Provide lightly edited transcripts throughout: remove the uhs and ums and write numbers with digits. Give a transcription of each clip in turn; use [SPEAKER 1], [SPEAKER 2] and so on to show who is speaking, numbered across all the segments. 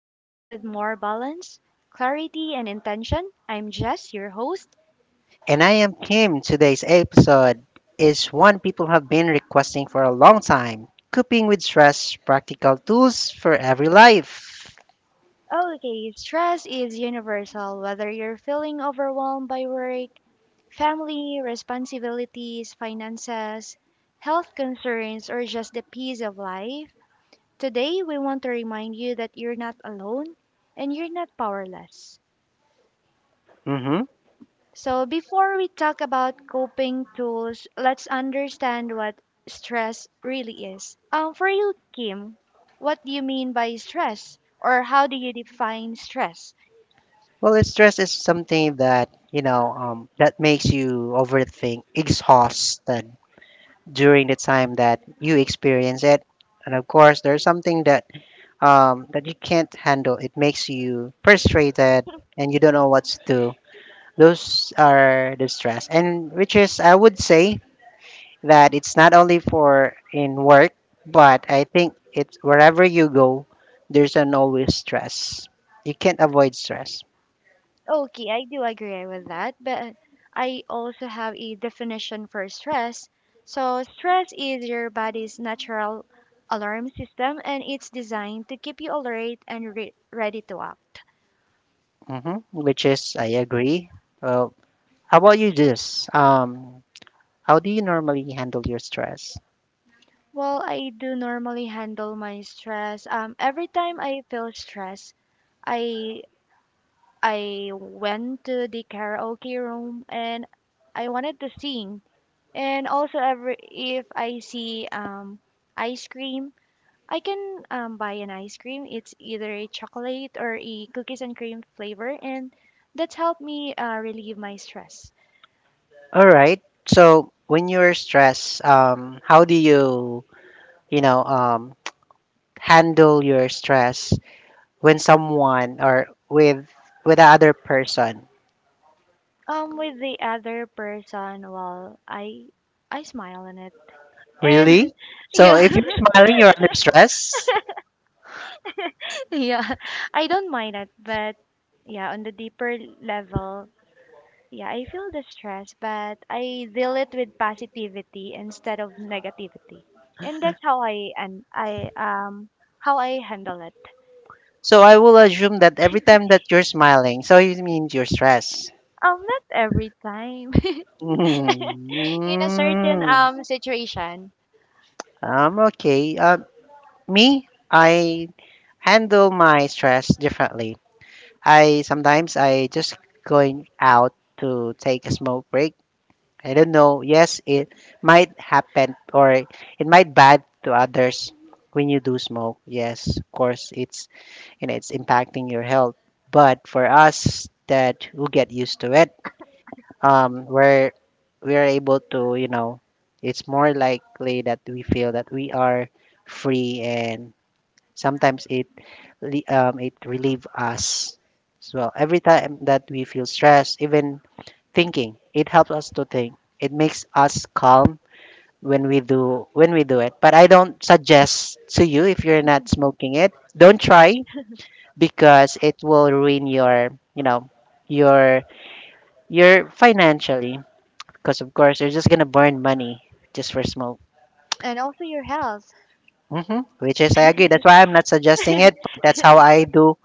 [SPEAKER 1] you live with more balance, clarity, and intention. I'm Jess, your host.
[SPEAKER 2] And I am Kim. Today's episode is one people have been requesting for a long time: coping with stress, practical tools for every life.
[SPEAKER 1] Oh, okay, stress is universal, whether you're feeling overwhelmed by work, family responsibilities, finances, health concerns, or just the peace of life. Today, we want to remind you that you're not alone and you're not powerless.
[SPEAKER 2] Mm-hmm.
[SPEAKER 1] So, before we talk about coping tools, let's understand what stress really is. For you, Kim, what do you mean by stress, or how do you define stress?
[SPEAKER 2] Well, it's stress is something that, that makes you overthink, exhausted during the time that you experience it. And of course, there's something that you can't handle. It makes you frustrated and you don't know what to do. Those are the stress. And which is, I would say, that it's not only for in work, but I think it's wherever you go, there's an always stress. You can't avoid stress.
[SPEAKER 1] Okay, I do agree with that, but I also have a definition for stress. So, stress is your body's natural alarm system, and it's designed to keep you alert and ready to act.
[SPEAKER 2] Hmm, which is I agree. Well, how about you, this? How do you normally handle your stress?
[SPEAKER 1] Well, I do normally handle my stress. Every time I feel stress, I I went to the karaoke room and I wanted to sing. And also every if I see ice cream, I can buy an ice cream. It's either a chocolate or a cookies and cream flavor, and that's helped me relieve my stress.
[SPEAKER 2] All right. So when you're stressed, how do you, you know, um, handle your stress when someone or with the other person?
[SPEAKER 1] With the other person, well, I smile on it.
[SPEAKER 2] Really?
[SPEAKER 1] And
[SPEAKER 2] So
[SPEAKER 1] yeah,
[SPEAKER 2] if you're smiling, you're under stress.
[SPEAKER 1] yeah, I don't mind it, but yeah, on the deeper level, yeah, I feel the stress, but I deal it with positivity instead of negativity, and that's how I and I how I handle it.
[SPEAKER 2] So I will assume that every time that you're smiling, so it means you're stressed.
[SPEAKER 1] Not every time, in
[SPEAKER 2] Mm.
[SPEAKER 1] a certain situation,
[SPEAKER 2] I Okay. Me, I handle my stress differently. I sometimes I just going out to take a smoke break. I don't know. Yes, it might happen or it might bad to others when you do smoke. Yes, of course, it's impacting your health. But for us that who get used to it, um, we're we're able to, it's more likely that we feel that we are free, and sometimes it relieve us as well. Every time that we feel stressed, even thinking, it helps us to think. It makes us calm when we do it. But I don't suggest to you if you're not smoking it, don't try because it will ruin your your financially because of course you're just gonna burn money just for smoke.
[SPEAKER 1] and also your health.
[SPEAKER 2] Hmm, which is I agree. That's why I'm not suggesting it, but that's how I do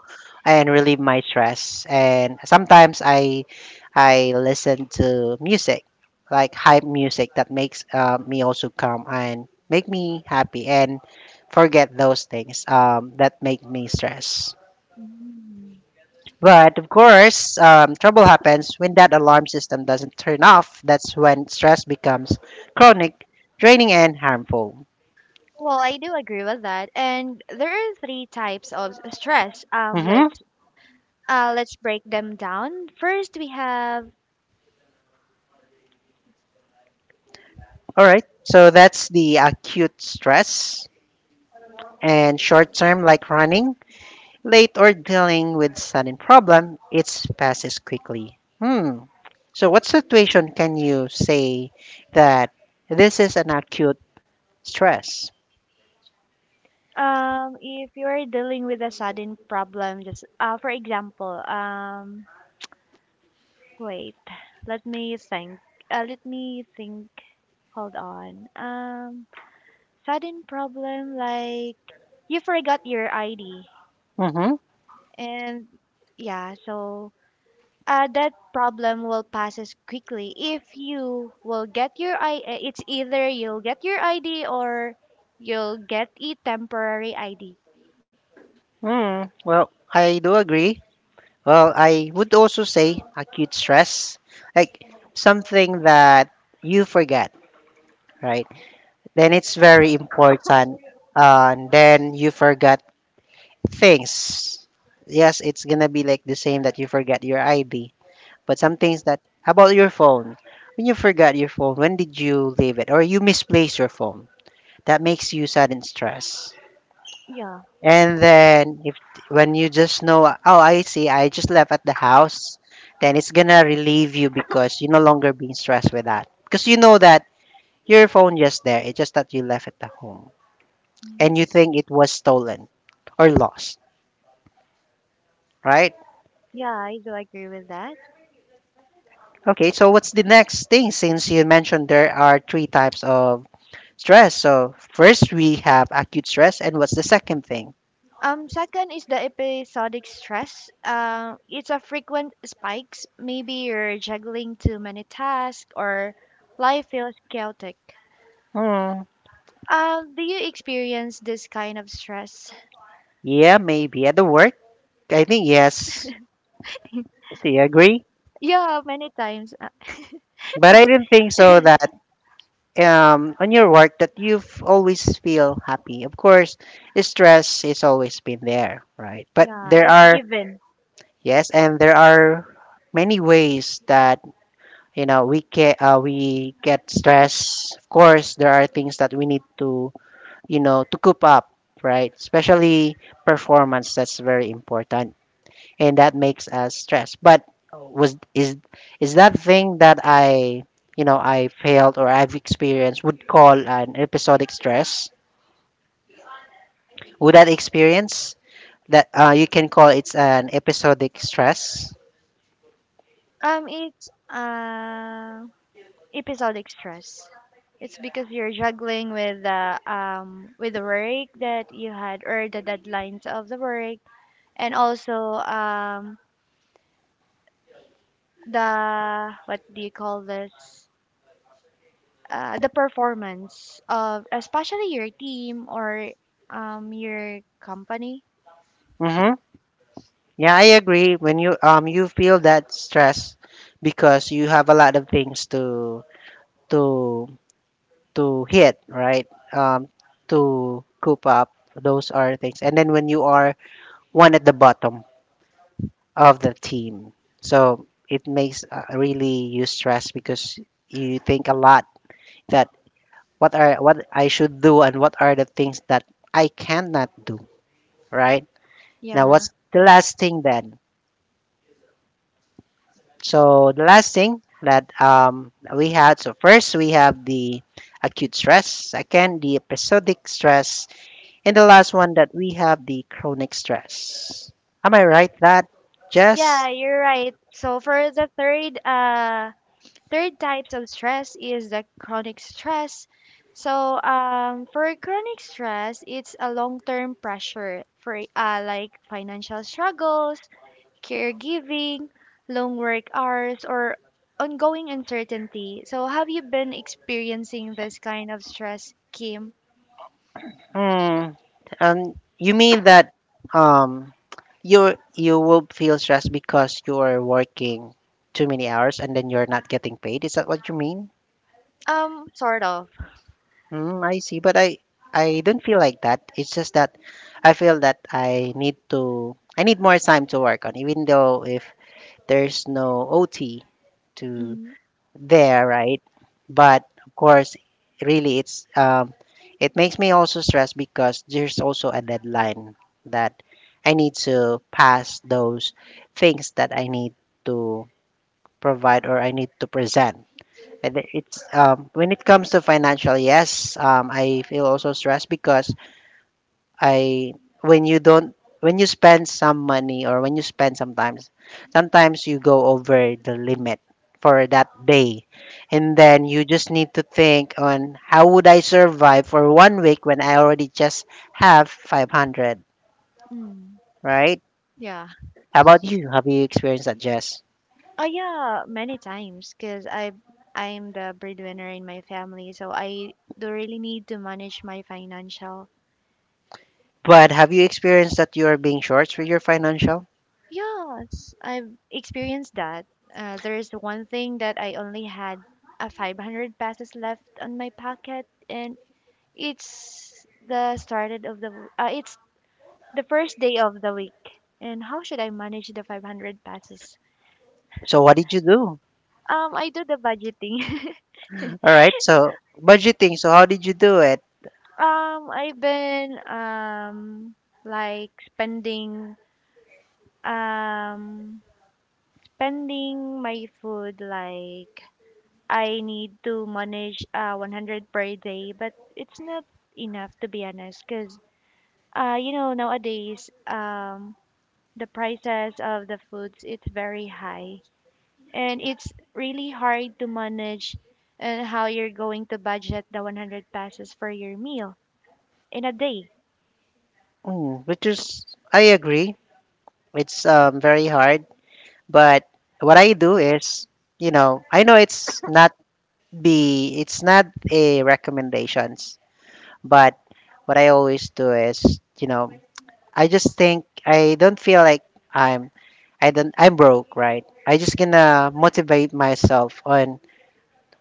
[SPEAKER 2] and relieve my stress. And sometimes I listen to music like hype music that makes me also calm and make me happy and forget those things that make me stress.
[SPEAKER 1] Mm.
[SPEAKER 2] But of course, trouble happens when that alarm system doesn't turn off. That's when stress becomes chronic, draining, and harmful.
[SPEAKER 1] Well, I do agree with that. And there are three types of stress. Like,
[SPEAKER 2] Mm-hmm.
[SPEAKER 1] Let's break them down. First, we have
[SPEAKER 2] All right. So that's the acute stress and short term, like running late or dealing with sudden problem. It passes quickly. Hmm. So what situation can you say that this is an acute stress?
[SPEAKER 1] if you are dealing with a sudden problem, just for example, wait, let me think. Let me think. Hold on. Sudden problem like you forgot your ID,
[SPEAKER 2] Mm-hmm.
[SPEAKER 1] and yeah, so that problem will pass as quickly if you will get your I. It's either you'll get your ID or you'll get a temporary ID.
[SPEAKER 2] Hmm. Well, I do agree. Well, I would also say acute stress, like something that you forget, right? Then it's very important. And then you forgot things. Yes, it's gonna be like the same that you forget your ID, but some things that how about your phone. When you forgot your phone, when did you leave it, or you misplace your phone? That makes you sudden stress.
[SPEAKER 1] Yeah.
[SPEAKER 2] And then if when you just know, oh, I see, I just left at the house, then it's gonna relieve you because you're no longer being stressed with that. Because you know that your phone just there, it's just that you left at the home and you
[SPEAKER 1] Mhm.
[SPEAKER 2] think it was stolen or lost, right?
[SPEAKER 1] Yeah, I do agree with that.
[SPEAKER 2] Okay, so what's the next thing? Since you mentioned there are three types of stress, so first we have acute stress, and what's the second thing?
[SPEAKER 1] Second is the episodic stress. It's a frequent spikes. Maybe you're juggling too many tasks or life feels chaotic.
[SPEAKER 2] Hmm,
[SPEAKER 1] Do you experience this kind of stress?
[SPEAKER 2] yeah, maybe at the work. I think yes. Do you agree?
[SPEAKER 1] Yeah, many times.
[SPEAKER 2] But I didn't think so that on your work that you've always feel happy. Of course, stress is always been there, right? But
[SPEAKER 1] Yeah,
[SPEAKER 2] there
[SPEAKER 1] it's
[SPEAKER 2] are,
[SPEAKER 1] given.
[SPEAKER 2] yes, and there are many ways that we get stress. Of course, there are things that we need to you know to coop up, right? Especially performance. That's very important and that makes us stressed. But was is that thing that I you know I failed or I've experienced would call an episodic stress? Would that experience that you can call it's an episodic stress?
[SPEAKER 1] It's Episodic stress. It's because you're juggling with the work that you had or the deadlines of the work, and also the what do you call this? The performance of especially your team or your company.
[SPEAKER 2] Mm-hmm. Yeah, I agree. When you feel that stress because you have a lot of things to to hit, right? Um, to coop up. Those are things. And then when you are one at the bottom, of the team. So it makes really you stress because you think a lot that what I should do and what are the things that I cannot do, right? Now
[SPEAKER 1] Yeah.
[SPEAKER 2] what's the last thing then? So the last thing that we had, so first we have the acute stress, second the episodic stress, and the last one that we have the chronic stress. Am I right that, Jess?
[SPEAKER 1] Yeah, you're right. So for the third types of stress is the chronic stress. So, for chronic stress, it's a long-term pressure for like financial struggles, caregiving, long work hours, or ongoing uncertainty. So have you been experiencing this kind of stress, Kim?
[SPEAKER 2] Mm, um, you mean that um, you will feel stressed because you're working too many hours and then you're not getting paid? Is that what you mean?
[SPEAKER 1] Sort of.
[SPEAKER 2] Mm, I see, but I don't feel like that. It's just that I feel that I need more time to work on, even though if there's no OT to
[SPEAKER 1] Mm-hmm.
[SPEAKER 2] there, right? But of course, really, it makes me also stressed because there's also a deadline that I need to pass those things that I need to provide or I need to present. And it's when it comes to financial, yes, I feel also stressed because I when you don't when you spend some money or when you spend sometimes you go over the limit for that day and then you just need to think on how would I survive for one week when I already just have 500,
[SPEAKER 1] Mm-hmm.
[SPEAKER 2] right?
[SPEAKER 1] Yeah.
[SPEAKER 2] How about you, have you experienced that, Jess?
[SPEAKER 1] Oh, yeah, many times because I am the breadwinner in my family, so I do really need to manage my financial.
[SPEAKER 2] But have you experienced that you are being short with your financial?
[SPEAKER 1] Yes, I've experienced that. There's one thing that I only had a 500 pesos left on my pocket, and it's the started of the it's the first day of the week. And how should I manage the 500 pesos?
[SPEAKER 2] So what did you do?
[SPEAKER 1] I do the budgeting.
[SPEAKER 2] All right, so budgeting. So how did you do it?
[SPEAKER 1] I've been like spending um my food, like I need to manage 100 per day, but it's not enough to be honest, because you know nowadays the prices of the foods it's very high and it's really hard to manage and how you're going to budget the 100 passes for your meal in a day.
[SPEAKER 2] Mm, which is I agree, it's very hard. But what I do is, I know it's not a recommendations, but what I always do is, I just think I don't feel like I'm I don't I'm broke, right? I just gonna motivate myself on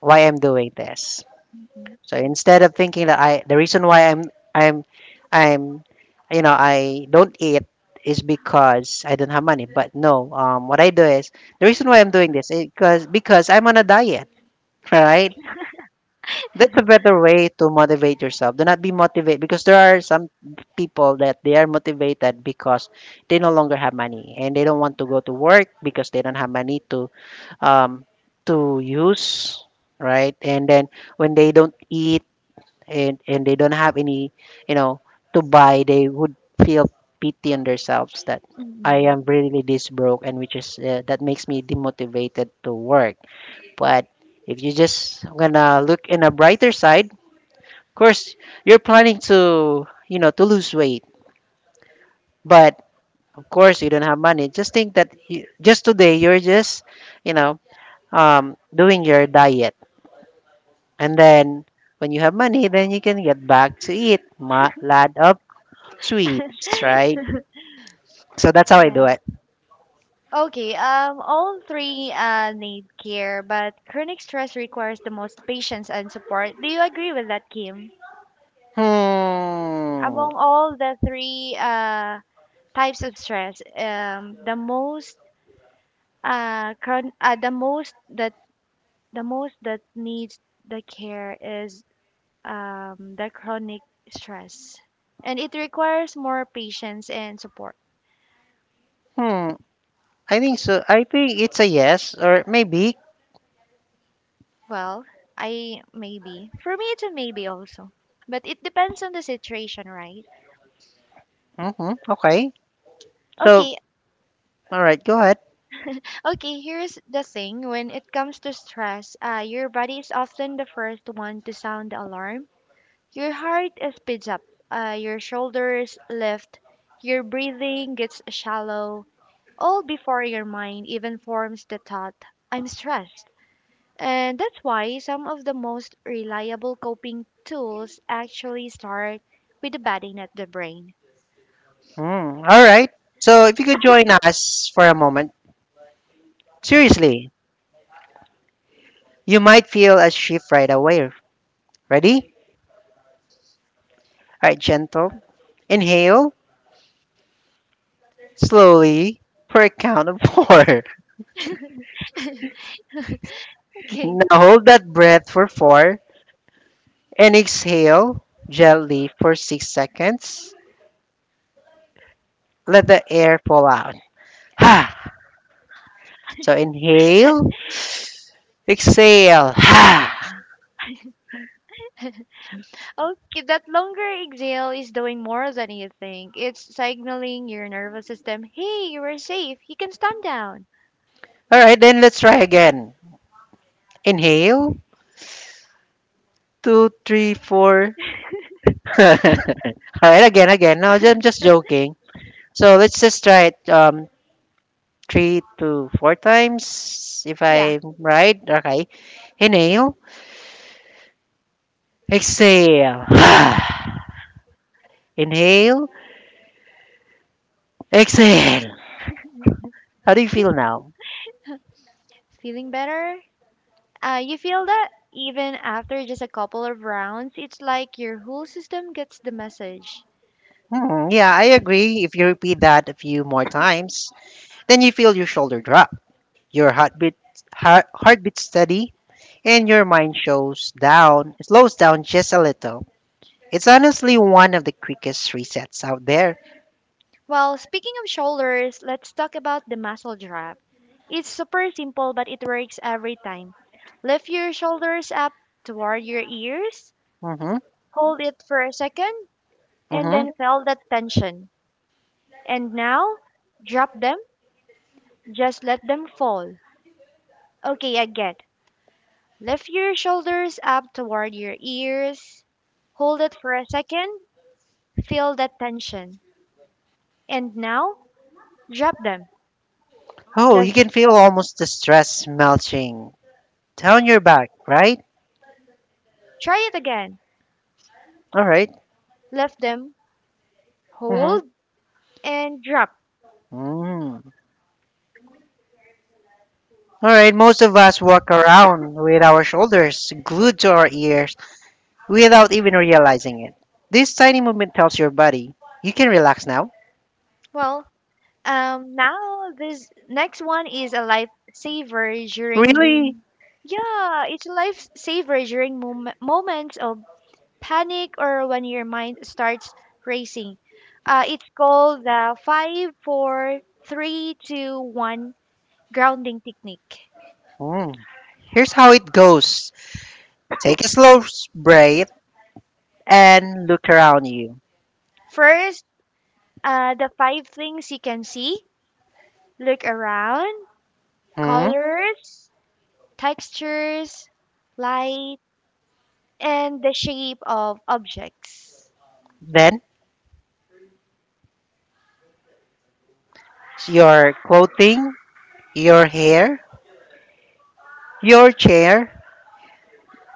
[SPEAKER 2] why I'm doing this.
[SPEAKER 1] Mhm.
[SPEAKER 2] So instead of thinking that I the reason why I'm I'm I don't eat is because I don't have money. But no, what I do is the reason why I'm doing this is because I'm on a diet, right? That's a better way to motivate yourself. Do not be motivated because there are some people that they are motivated because they no longer have money and they don't want to go to work because they don't have money um to use, right? And then when they don't eat and they don't have any you know to buy, they would feel pity on themselves that I
[SPEAKER 1] Mhm.
[SPEAKER 2] am really this broke, and which is that makes me demotivated to work. But if you just gonna look in a brighter side, of course you're planning to you know to lose weight, but of course you don't have money. Just think that you, just today you're just you know doing your diet, and then when you have money then you can get back to eat lot of sweets, right? So that's how I do
[SPEAKER 1] Yeah.
[SPEAKER 2] it.
[SPEAKER 1] Okay. All three need care, but chronic stress requires the most patience and support. Do you agree with that, Kim?
[SPEAKER 2] Hmm.
[SPEAKER 1] Among all the three types of stress, the most that needs the care is the chronic stress, and it requires more patience and support.
[SPEAKER 2] Hmm. I think so. I think it's a yes or maybe.
[SPEAKER 1] Well, I maybe. For me, it's a maybe also. But it depends on the situation, right?
[SPEAKER 2] Mm-hmm. Okay. So,
[SPEAKER 1] Okay,
[SPEAKER 2] all right, go ahead.
[SPEAKER 1] okay, here's the thing. When it comes to stress, your body is often the first one to sound the alarm. Your heart speeds up, your shoulders lift, your breathing gets shallow, all before your mind even forms the thought, I'm stressed. And that's why some of the most reliable coping tools actually start with the batting at the brain.
[SPEAKER 2] Hmm. All right. So, if you could join us for a moment, seriously, you might feel a shift right away. Ready? All right, gentle. Inhale slowly for a count of four.
[SPEAKER 1] Okay.
[SPEAKER 2] Now hold that breath for four and exhale gently for 6 seconds. Let the air fall out. Ha. So inhale, exhale. Ha.
[SPEAKER 1] Okay, that longer exhale is doing more than you think. It's signaling your nervous system, hey, you are safe. You can stand down.
[SPEAKER 2] All right, then let's try again. Inhale, two, three, four. All right, again, again. No, I'm just joking. So let's just try it three to four times, if
[SPEAKER 1] Yeah.
[SPEAKER 2] I'm right. Okay. Inhale, exhale. Inhale, exhale. How do you feel now?
[SPEAKER 1] Feeling better? You feel that even after just a couple of rounds, it's like your whole system gets the message.
[SPEAKER 2] Hmm, yeah, I agree. If you repeat that a few more times, then you feel your shoulder drop. Your heartbeat steady, and your mind shows down slows down just a little. It's honestly one of the quickest resets out there.
[SPEAKER 1] Well, speaking of shoulders, let's talk about the muscle drop. It's super simple, but it works every time. Lift your shoulders up toward your ears,
[SPEAKER 2] Mhm.
[SPEAKER 1] hold it for a second, and
[SPEAKER 2] Mhm.
[SPEAKER 1] then feel that tension. And now, drop them, just let them fall. Okay, again. Lift your shoulders up toward your ears, hold it for a second, feel that tension. And now, drop them.
[SPEAKER 2] Oh, you
[SPEAKER 1] Just
[SPEAKER 2] can feel almost the stress melting down your back, right?
[SPEAKER 1] try it again.
[SPEAKER 2] All right.
[SPEAKER 1] Lift them,
[SPEAKER 2] Mhm.
[SPEAKER 1] hold, and drop.
[SPEAKER 2] Mm. All right, most of us walk around with our shoulders glued to our ears without even realizing it. This tiny movement tells your body, you can relax now.
[SPEAKER 1] Well, now this next one is a lifesaver during.
[SPEAKER 2] Really?
[SPEAKER 1] Yeah, it's a lifesaver during moments of panic or when your mind starts racing. It's called the five, four, three, two, one grounding technique.
[SPEAKER 2] Mm. Here's how it goes. Take a slow breath and look around you.
[SPEAKER 1] First, the five things you can see. Look around.
[SPEAKER 2] Hmm?
[SPEAKER 1] Colors, textures, light, and the shape of objects.
[SPEAKER 2] Then, your clothing, your hair, your chair,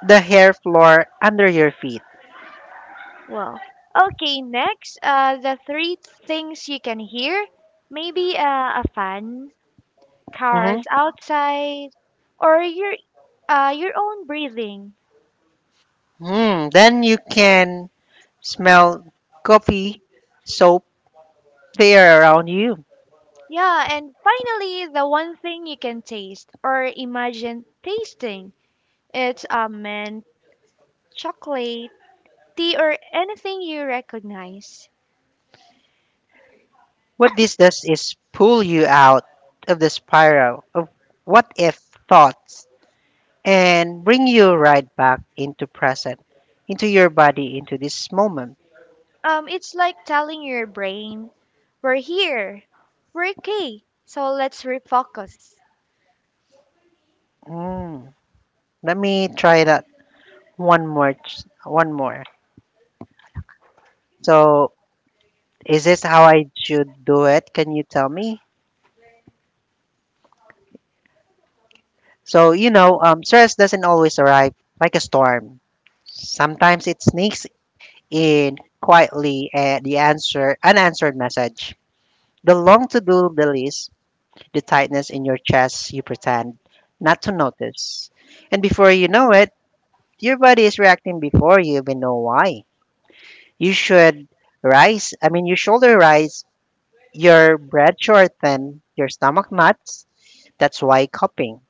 [SPEAKER 2] the hair floor under your feet.
[SPEAKER 1] Well, okay, next, the three things you can hear, maybe a fan,
[SPEAKER 2] Hmm.
[SPEAKER 1] cars outside, or your own breathing.
[SPEAKER 2] Hmm. Then you can smell coffee, soap, they are around you.
[SPEAKER 1] Yeah, and finally, the one thing you can taste or imagine tasting, it's a mint, chocolate, tea, or anything you recognize.
[SPEAKER 2] What this does is pull you out of the spiral of what if thoughts and bring you right back into present, into your body, into this moment.
[SPEAKER 1] It's like telling your brain, we're here, we're okay, so let's refocus.
[SPEAKER 2] Mm. Let me try that one more. So, is this how I should do it? Can you tell me? Stress doesn't always arrive like a storm. Sometimes it sneaks in quietly at the answer unanswered message. The long to-do list, the tightness in your chest you pretend not to notice. And before you know it, your body is reacting before you even know why. You should you shoulder rise. Your bread shorten, your stomach nuts. That's why coping.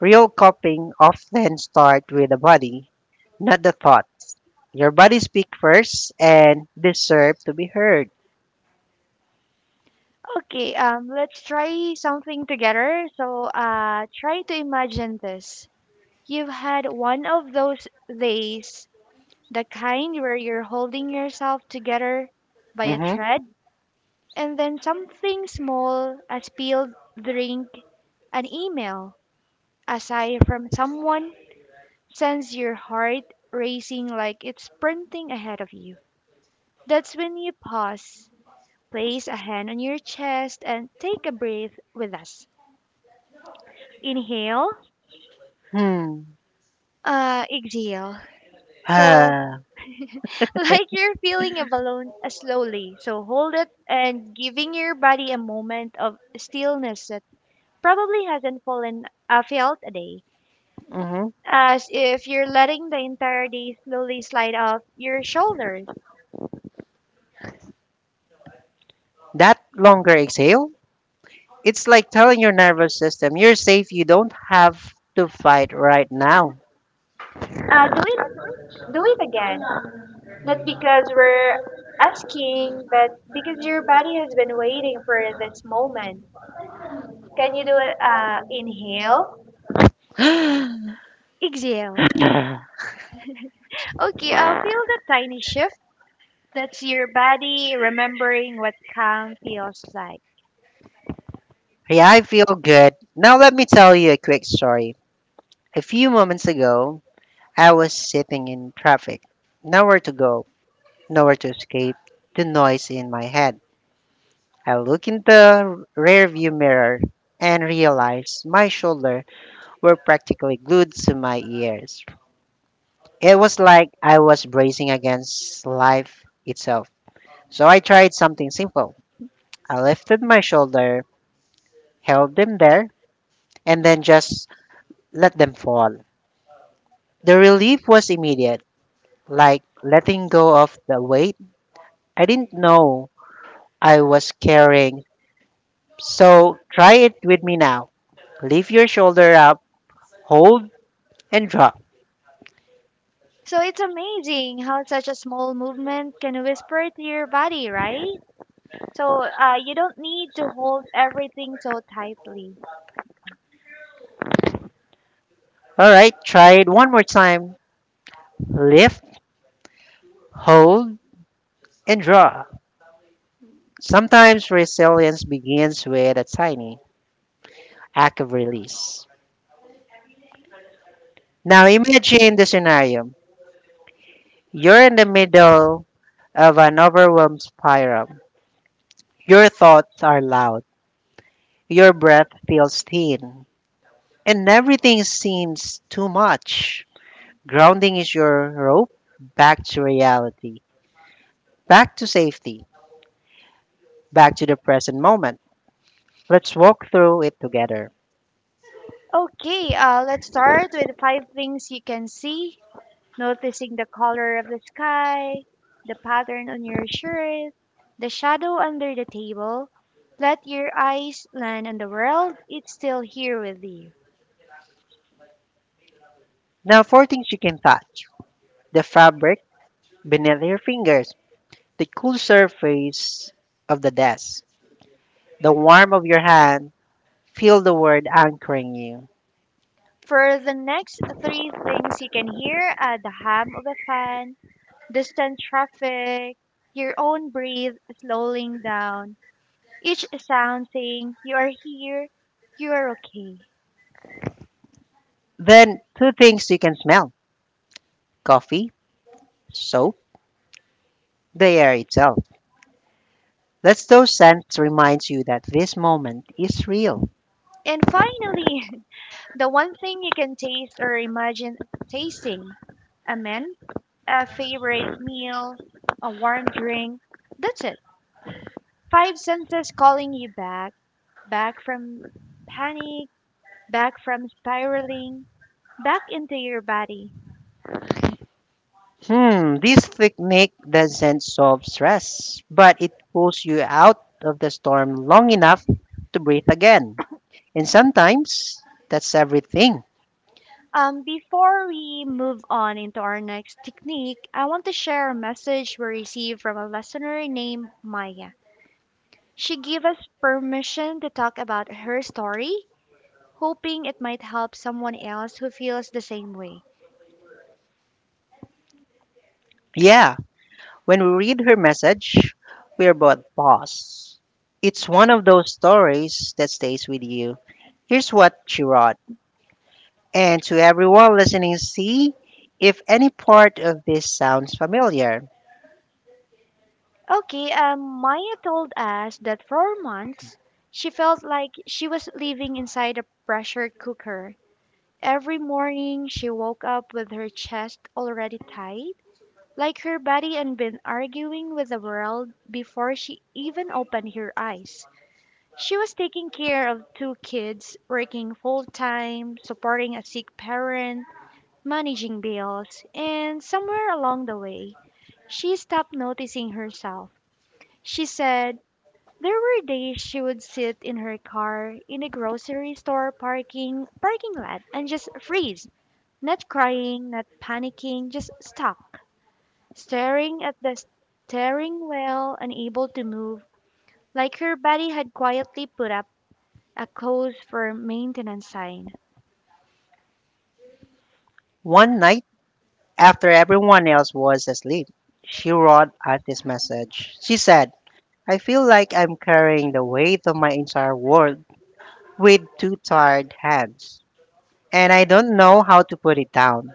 [SPEAKER 2] Real coping often starts with the body, not the thoughts. Your body speak first and deserve to be heard.
[SPEAKER 1] Okay, let's try something together. So, try to imagine this. You've had one of those days, the kind where you're holding yourself together by a
[SPEAKER 2] Mm-hmm.
[SPEAKER 1] thread, and then something small, a spilled drink, an email, a sigh from someone, sends your heart racing like it's sprinting ahead of you. That's when you pause, place a hand on your chest, and take a breath with us. Inhale,
[SPEAKER 2] Hmm.
[SPEAKER 1] exhale. So,
[SPEAKER 2] Ah,
[SPEAKER 1] like you're feeling a balloon slowly. So, hold it and giving your body a moment of stillness that probably hasn't fallen felt a day.
[SPEAKER 2] mm-hmm.
[SPEAKER 1] As if you're letting the entire day slowly slide off your shoulders.
[SPEAKER 2] That longer exhale, it's like telling your nervous system, you're safe, you don't have to fight right now.
[SPEAKER 1] Do it, do it again. Not because we're asking, but because your body has been waiting for this moment. Can you do it? Inhale,
[SPEAKER 2] Yeah,
[SPEAKER 1] exhale. Okay, I'll feel the tiny shift. That's your body remembering what calm feels like.
[SPEAKER 2] I feel good. Now let me tell you a quick story. A few moments ago, I was sitting in traffic, nowhere to go, nowhere to escape the noise in my head. I look in the rearview mirror and realize my shoulders were practically glued to my ears. It was like I was bracing against life itself. So I tried something simple. I lifted my shoulder, held them there, and then just let them fall. The relief was immediate, like letting go of the weight I didn't know I was carrying. So try it with me now. Lift your shoulder up, hold, and drop.
[SPEAKER 1] So it's amazing how such a small movement can whisper to your body, right? So, you don't need to hold everything so tightly.
[SPEAKER 2] All right, try it one more time. Lift, hold, and draw. Sometimes resilience begins with a tiny act of release. Now imagine the scenario. You're in the middle of an overwhelmed spiral. Your thoughts are loud. Your breath feels thin. And everything seems too much. Grounding is your rope back to reality, back to safety, back to the present moment. Let's walk through it together.
[SPEAKER 1] Okay, let's start with five things you can see, noticing the color of the sky, the pattern on your shirt, the shadow under the table. Let your eyes land on the world, it's still here with you.
[SPEAKER 2] Now, four things you can touch, the fabric beneath your fingers, the cool surface of the desk, the warmth of your hand. Feel the word anchoring you.
[SPEAKER 1] For the next three things you can hear, at the hum of a fan, distant traffic, your own breath slowing down, each sound saying, you are here, you are okay.
[SPEAKER 2] Then, two things you can smell, coffee, soap, the air itself. Let those scents remind you that this moment is real.
[SPEAKER 1] And finally, the one thing you can taste or imagine tasting. Amen? A favorite meal, a warm drink. That's it. Five senses calling you back, back from panic, back from spiraling, back into your body.
[SPEAKER 2] Hmm, this technique doesn't solve stress, but it pulls you out of the storm long enough to breathe again. And sometimes that's everything.
[SPEAKER 1] Before we move on into our next technique, I want to share a message we received from a listener named Maya. She gave us permission to talk about her story, hoping it might help someone else who feels the same way.
[SPEAKER 2] Yeah, when we read her message, we're both paused. It's one of those stories that stays with you. Here's what she wrote. And to everyone listening, see if any part of this sounds familiar.
[SPEAKER 1] Okay, Maya told us that for months she felt like she was living inside a pressure cooker. Every morning she woke up with her chest already tight, like her body had been arguing with the world before she even opened her eyes. She was taking care of two kids, working full time, supporting a sick parent, managing bills, and somewhere along the way, she stopped noticing herself. She said, there were days she would sit in her car in a grocery store parking lot and just freeze, not crying, not panicking, just stop, staring at the staring, well, unable to move, like her body had quietly put up a close for maintenance sign.
[SPEAKER 2] One night, after everyone else was asleep, she wrote out this message. She said, "I feel like I'm carrying the weight of my entire world with two tired hands, and I don't know how to put it down."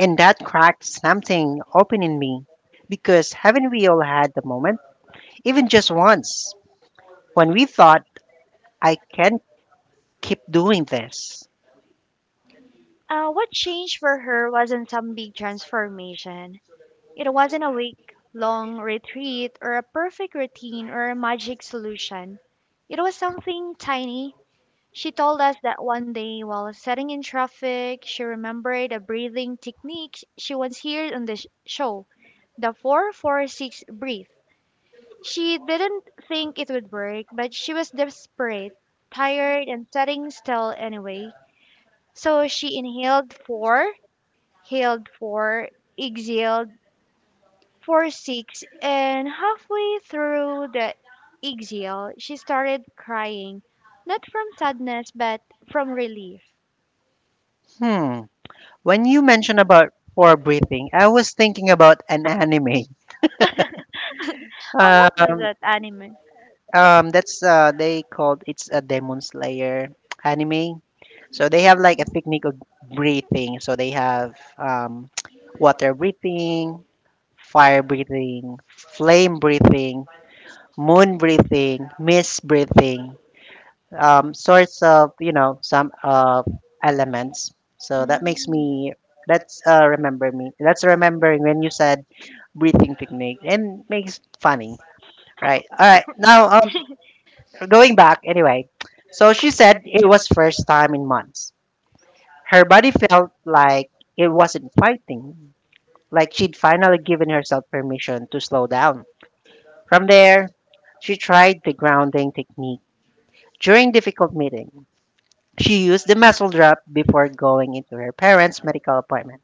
[SPEAKER 2] And that cracked something open in me. Because haven't we all had the moment, even just once, when we thought, "I can't keep doing this?"
[SPEAKER 1] What changed for her wasn't some big transformation. It wasn't a week long retreat or a perfect routine or a magic solution. It was something tiny. She told us that one day while sitting in traffic, she remembered a breathing technique she once heard on the show, the 446 breathe. She didn't think it would work, but she was desperate, tired, and sitting still anyway. So she inhaled 4, held 4, exhaled 4 6, and halfway through the exhale, she started crying, not from sadness, but from relief.
[SPEAKER 2] Hmm. When you mentioned about for breathing, I was thinking about an anime.
[SPEAKER 1] Oh, what was
[SPEAKER 2] Um."
[SPEAKER 1] that anime?
[SPEAKER 2] That's they called it's a Demon Slayer anime. So they have like a
[SPEAKER 1] Mm.
[SPEAKER 2] technique of breathing. So they have water breathing, fire breathing, flame breathing, moon breathing, mist breathing, sorts of some elements.
[SPEAKER 1] Mm.
[SPEAKER 2] So that makes me that's remember me. That's remembering when you said breathing technique and makes funny, right? All right, now going back anyway. So she said it was first time in months. Her body felt like it wasn't fighting, like she'd finally given herself permission to slow down. From there, she tried the grounding technique during difficult meeting. She used the muscle drop before going into her parents' medical appointment.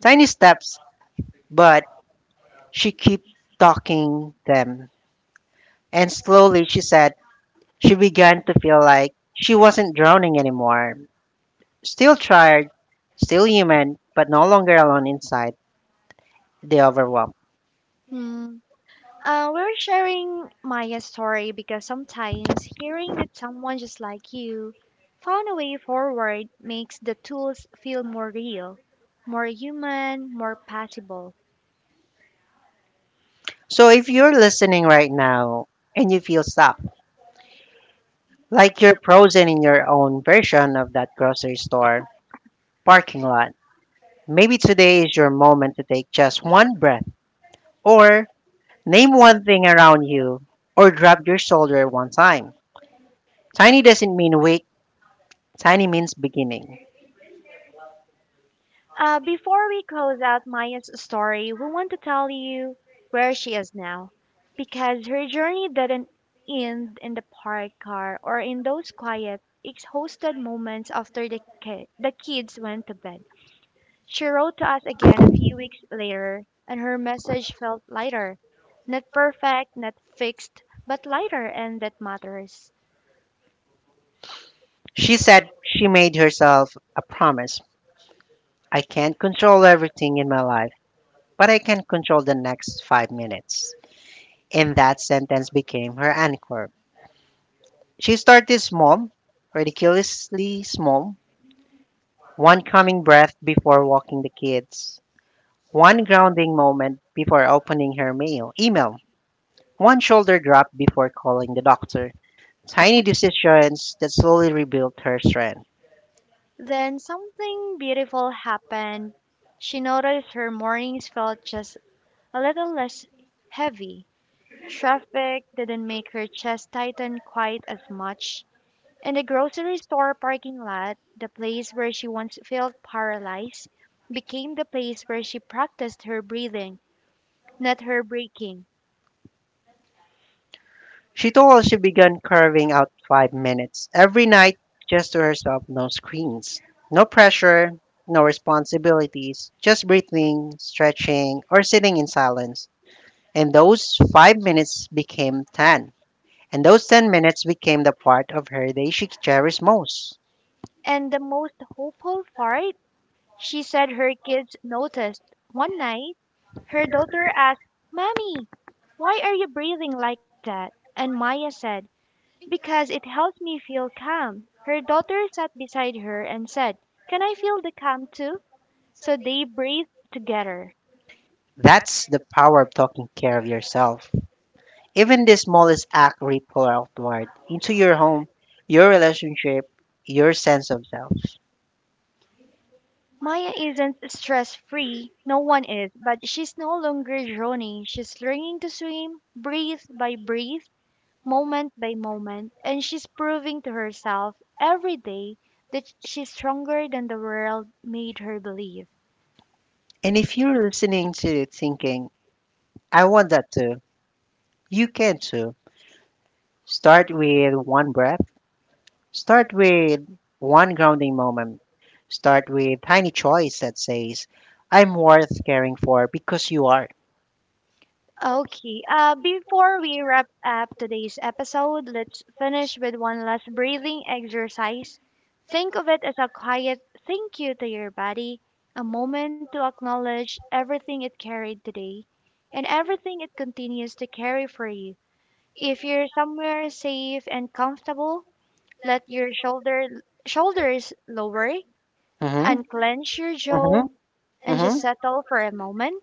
[SPEAKER 2] Tiny steps, but she kept talking them. And slowly she said she began to feel like she wasn't drowning anymore. Still tired, still human, but no longer alone inside the overwhelm.
[SPEAKER 1] Hmm. We're sharing Maya's story because sometimes hearing that someone just like you found a way forward makes the tools feel more real, more human, more possible.
[SPEAKER 2] So if you're listening right now and you feel stuck, like you're frozen in your own version of that grocery store parking lot, maybe today is your moment to take just one breath or name one thing around you or drop your shoulder one time. Tiny doesn't mean weak, tiny means beginning.
[SPEAKER 1] Before we close out Maya's story, we want to tell you where she is now because her journey didn't end in the park car or in those quiet, exhausted moments after the kids went to bed. She wrote to us again a few weeks later, and her message felt lighter. Not perfect, not fixed, but lighter, and that matters.
[SPEAKER 2] She said she made herself a promise. "I can't control everything in my life but I can control the next 5 minutes." And that sentence became her anchor. She started small, ridiculously small, one calming breath before walking the kids, one grounding moment before opening her mail, email, one shoulder drop before calling the doctor. Tiny decisions that slowly rebuilt her strength.
[SPEAKER 1] Then something beautiful happened. She noticed her mornings felt just a little less heavy, traffic didn't make her chest tighten quite as much. In the grocery store parking lot, the place where she once felt paralyzed became the place where she practiced her breathing, not her breaking.
[SPEAKER 2] She told us she began carving out 5 minutes every night just to herself, no screens, no pressure, no responsibilities, just breathing, stretching, or sitting in silence. And those 5 minutes became 10. And those 10 minutes became the part of her day she cherished most.
[SPEAKER 1] And the most hopeful part, she said her kids noticed. One night, her daughter asked, "Mommy, why are you breathing like that?" And Maya said, "Because it helps me feel calm." Her daughter sat beside her and said, "Can I feel the calm too?" So they breathed together.
[SPEAKER 2] That's the power of taking care of yourself. Even the smallest act ripple outward into your home, your relationship, your sense of self.
[SPEAKER 1] Maya isn't stress free. No one is. But she's no longer drowning. She's learning to swim, breath by breath, moment by moment. And she's proving to herself every day that she's stronger than the world made her believe.
[SPEAKER 2] And if you're listening to it thinking, "I want that too," you can too. Start with one breath, start with one grounding moment, start with tiny choice that says, "I'm worth caring for," because you are.
[SPEAKER 1] Okay. Before we wrap up today's episode, let's finish with one last breathing exercise. Think of it as a quiet thank you to your body, a moment to acknowledge everything it carried today and everything it continues to carry for you. If you're somewhere safe and comfortable, let your shoulders lower,
[SPEAKER 2] Hmm.
[SPEAKER 1] unclench your jaw.
[SPEAKER 2] Hmm.
[SPEAKER 1] Mhm. And
[SPEAKER 2] Hmm.
[SPEAKER 1] just settle for a moment.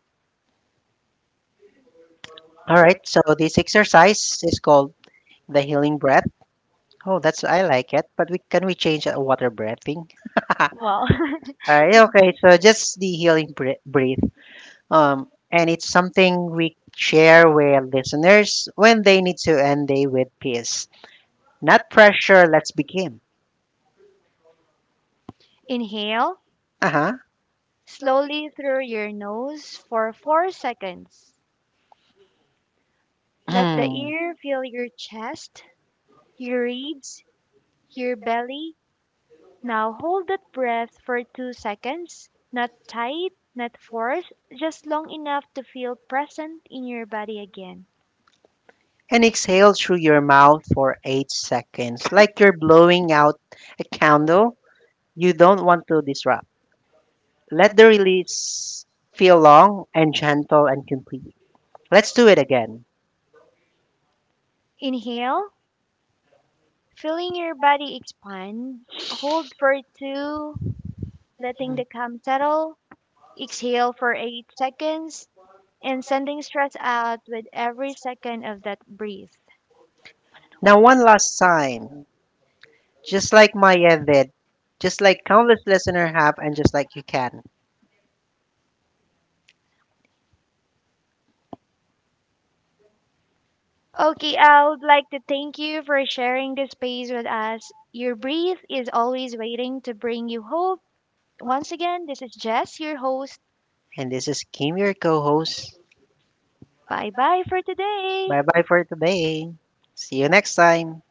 [SPEAKER 2] All right, so this exercise is called the healing breath. Oh, that's, I like it. But we can, we change water breathing? All
[SPEAKER 1] Well,
[SPEAKER 2] right, okay. So just the breath. And it's something we share with listeners when they need to end day with peace. Not pressure, let's begin.
[SPEAKER 1] inhale
[SPEAKER 2] Uh huh.
[SPEAKER 1] slowly through your nose for 4 seconds. Let the
[SPEAKER 2] Hmm.
[SPEAKER 1] air fill your chest, your ribs, your belly. Now hold that breath for 2 seconds, not tight, not forced, just long enough to feel present in your body again.
[SPEAKER 2] And exhale through your mouth for 8 seconds, like you're blowing out a candle you don't want to disrupt. Let the release feel long and gentle and complete. Let's do it again.
[SPEAKER 1] Inhale, feeling your body expand. Hold for 2, letting the calm settle. Exhale for 8 seconds and sending stress out with every second of that breath.
[SPEAKER 2] Now, one last time, just like Maya did, just like countless listeners have, and just like you can.
[SPEAKER 1] Okay, I would like to thank you for sharing this space with us. Your breath is always waiting to bring you hope. Once again, this is Jess, your host.
[SPEAKER 2] And this is Kim, your co host.
[SPEAKER 1] Bye bye for today.
[SPEAKER 2] Bye bye for today. See you next time.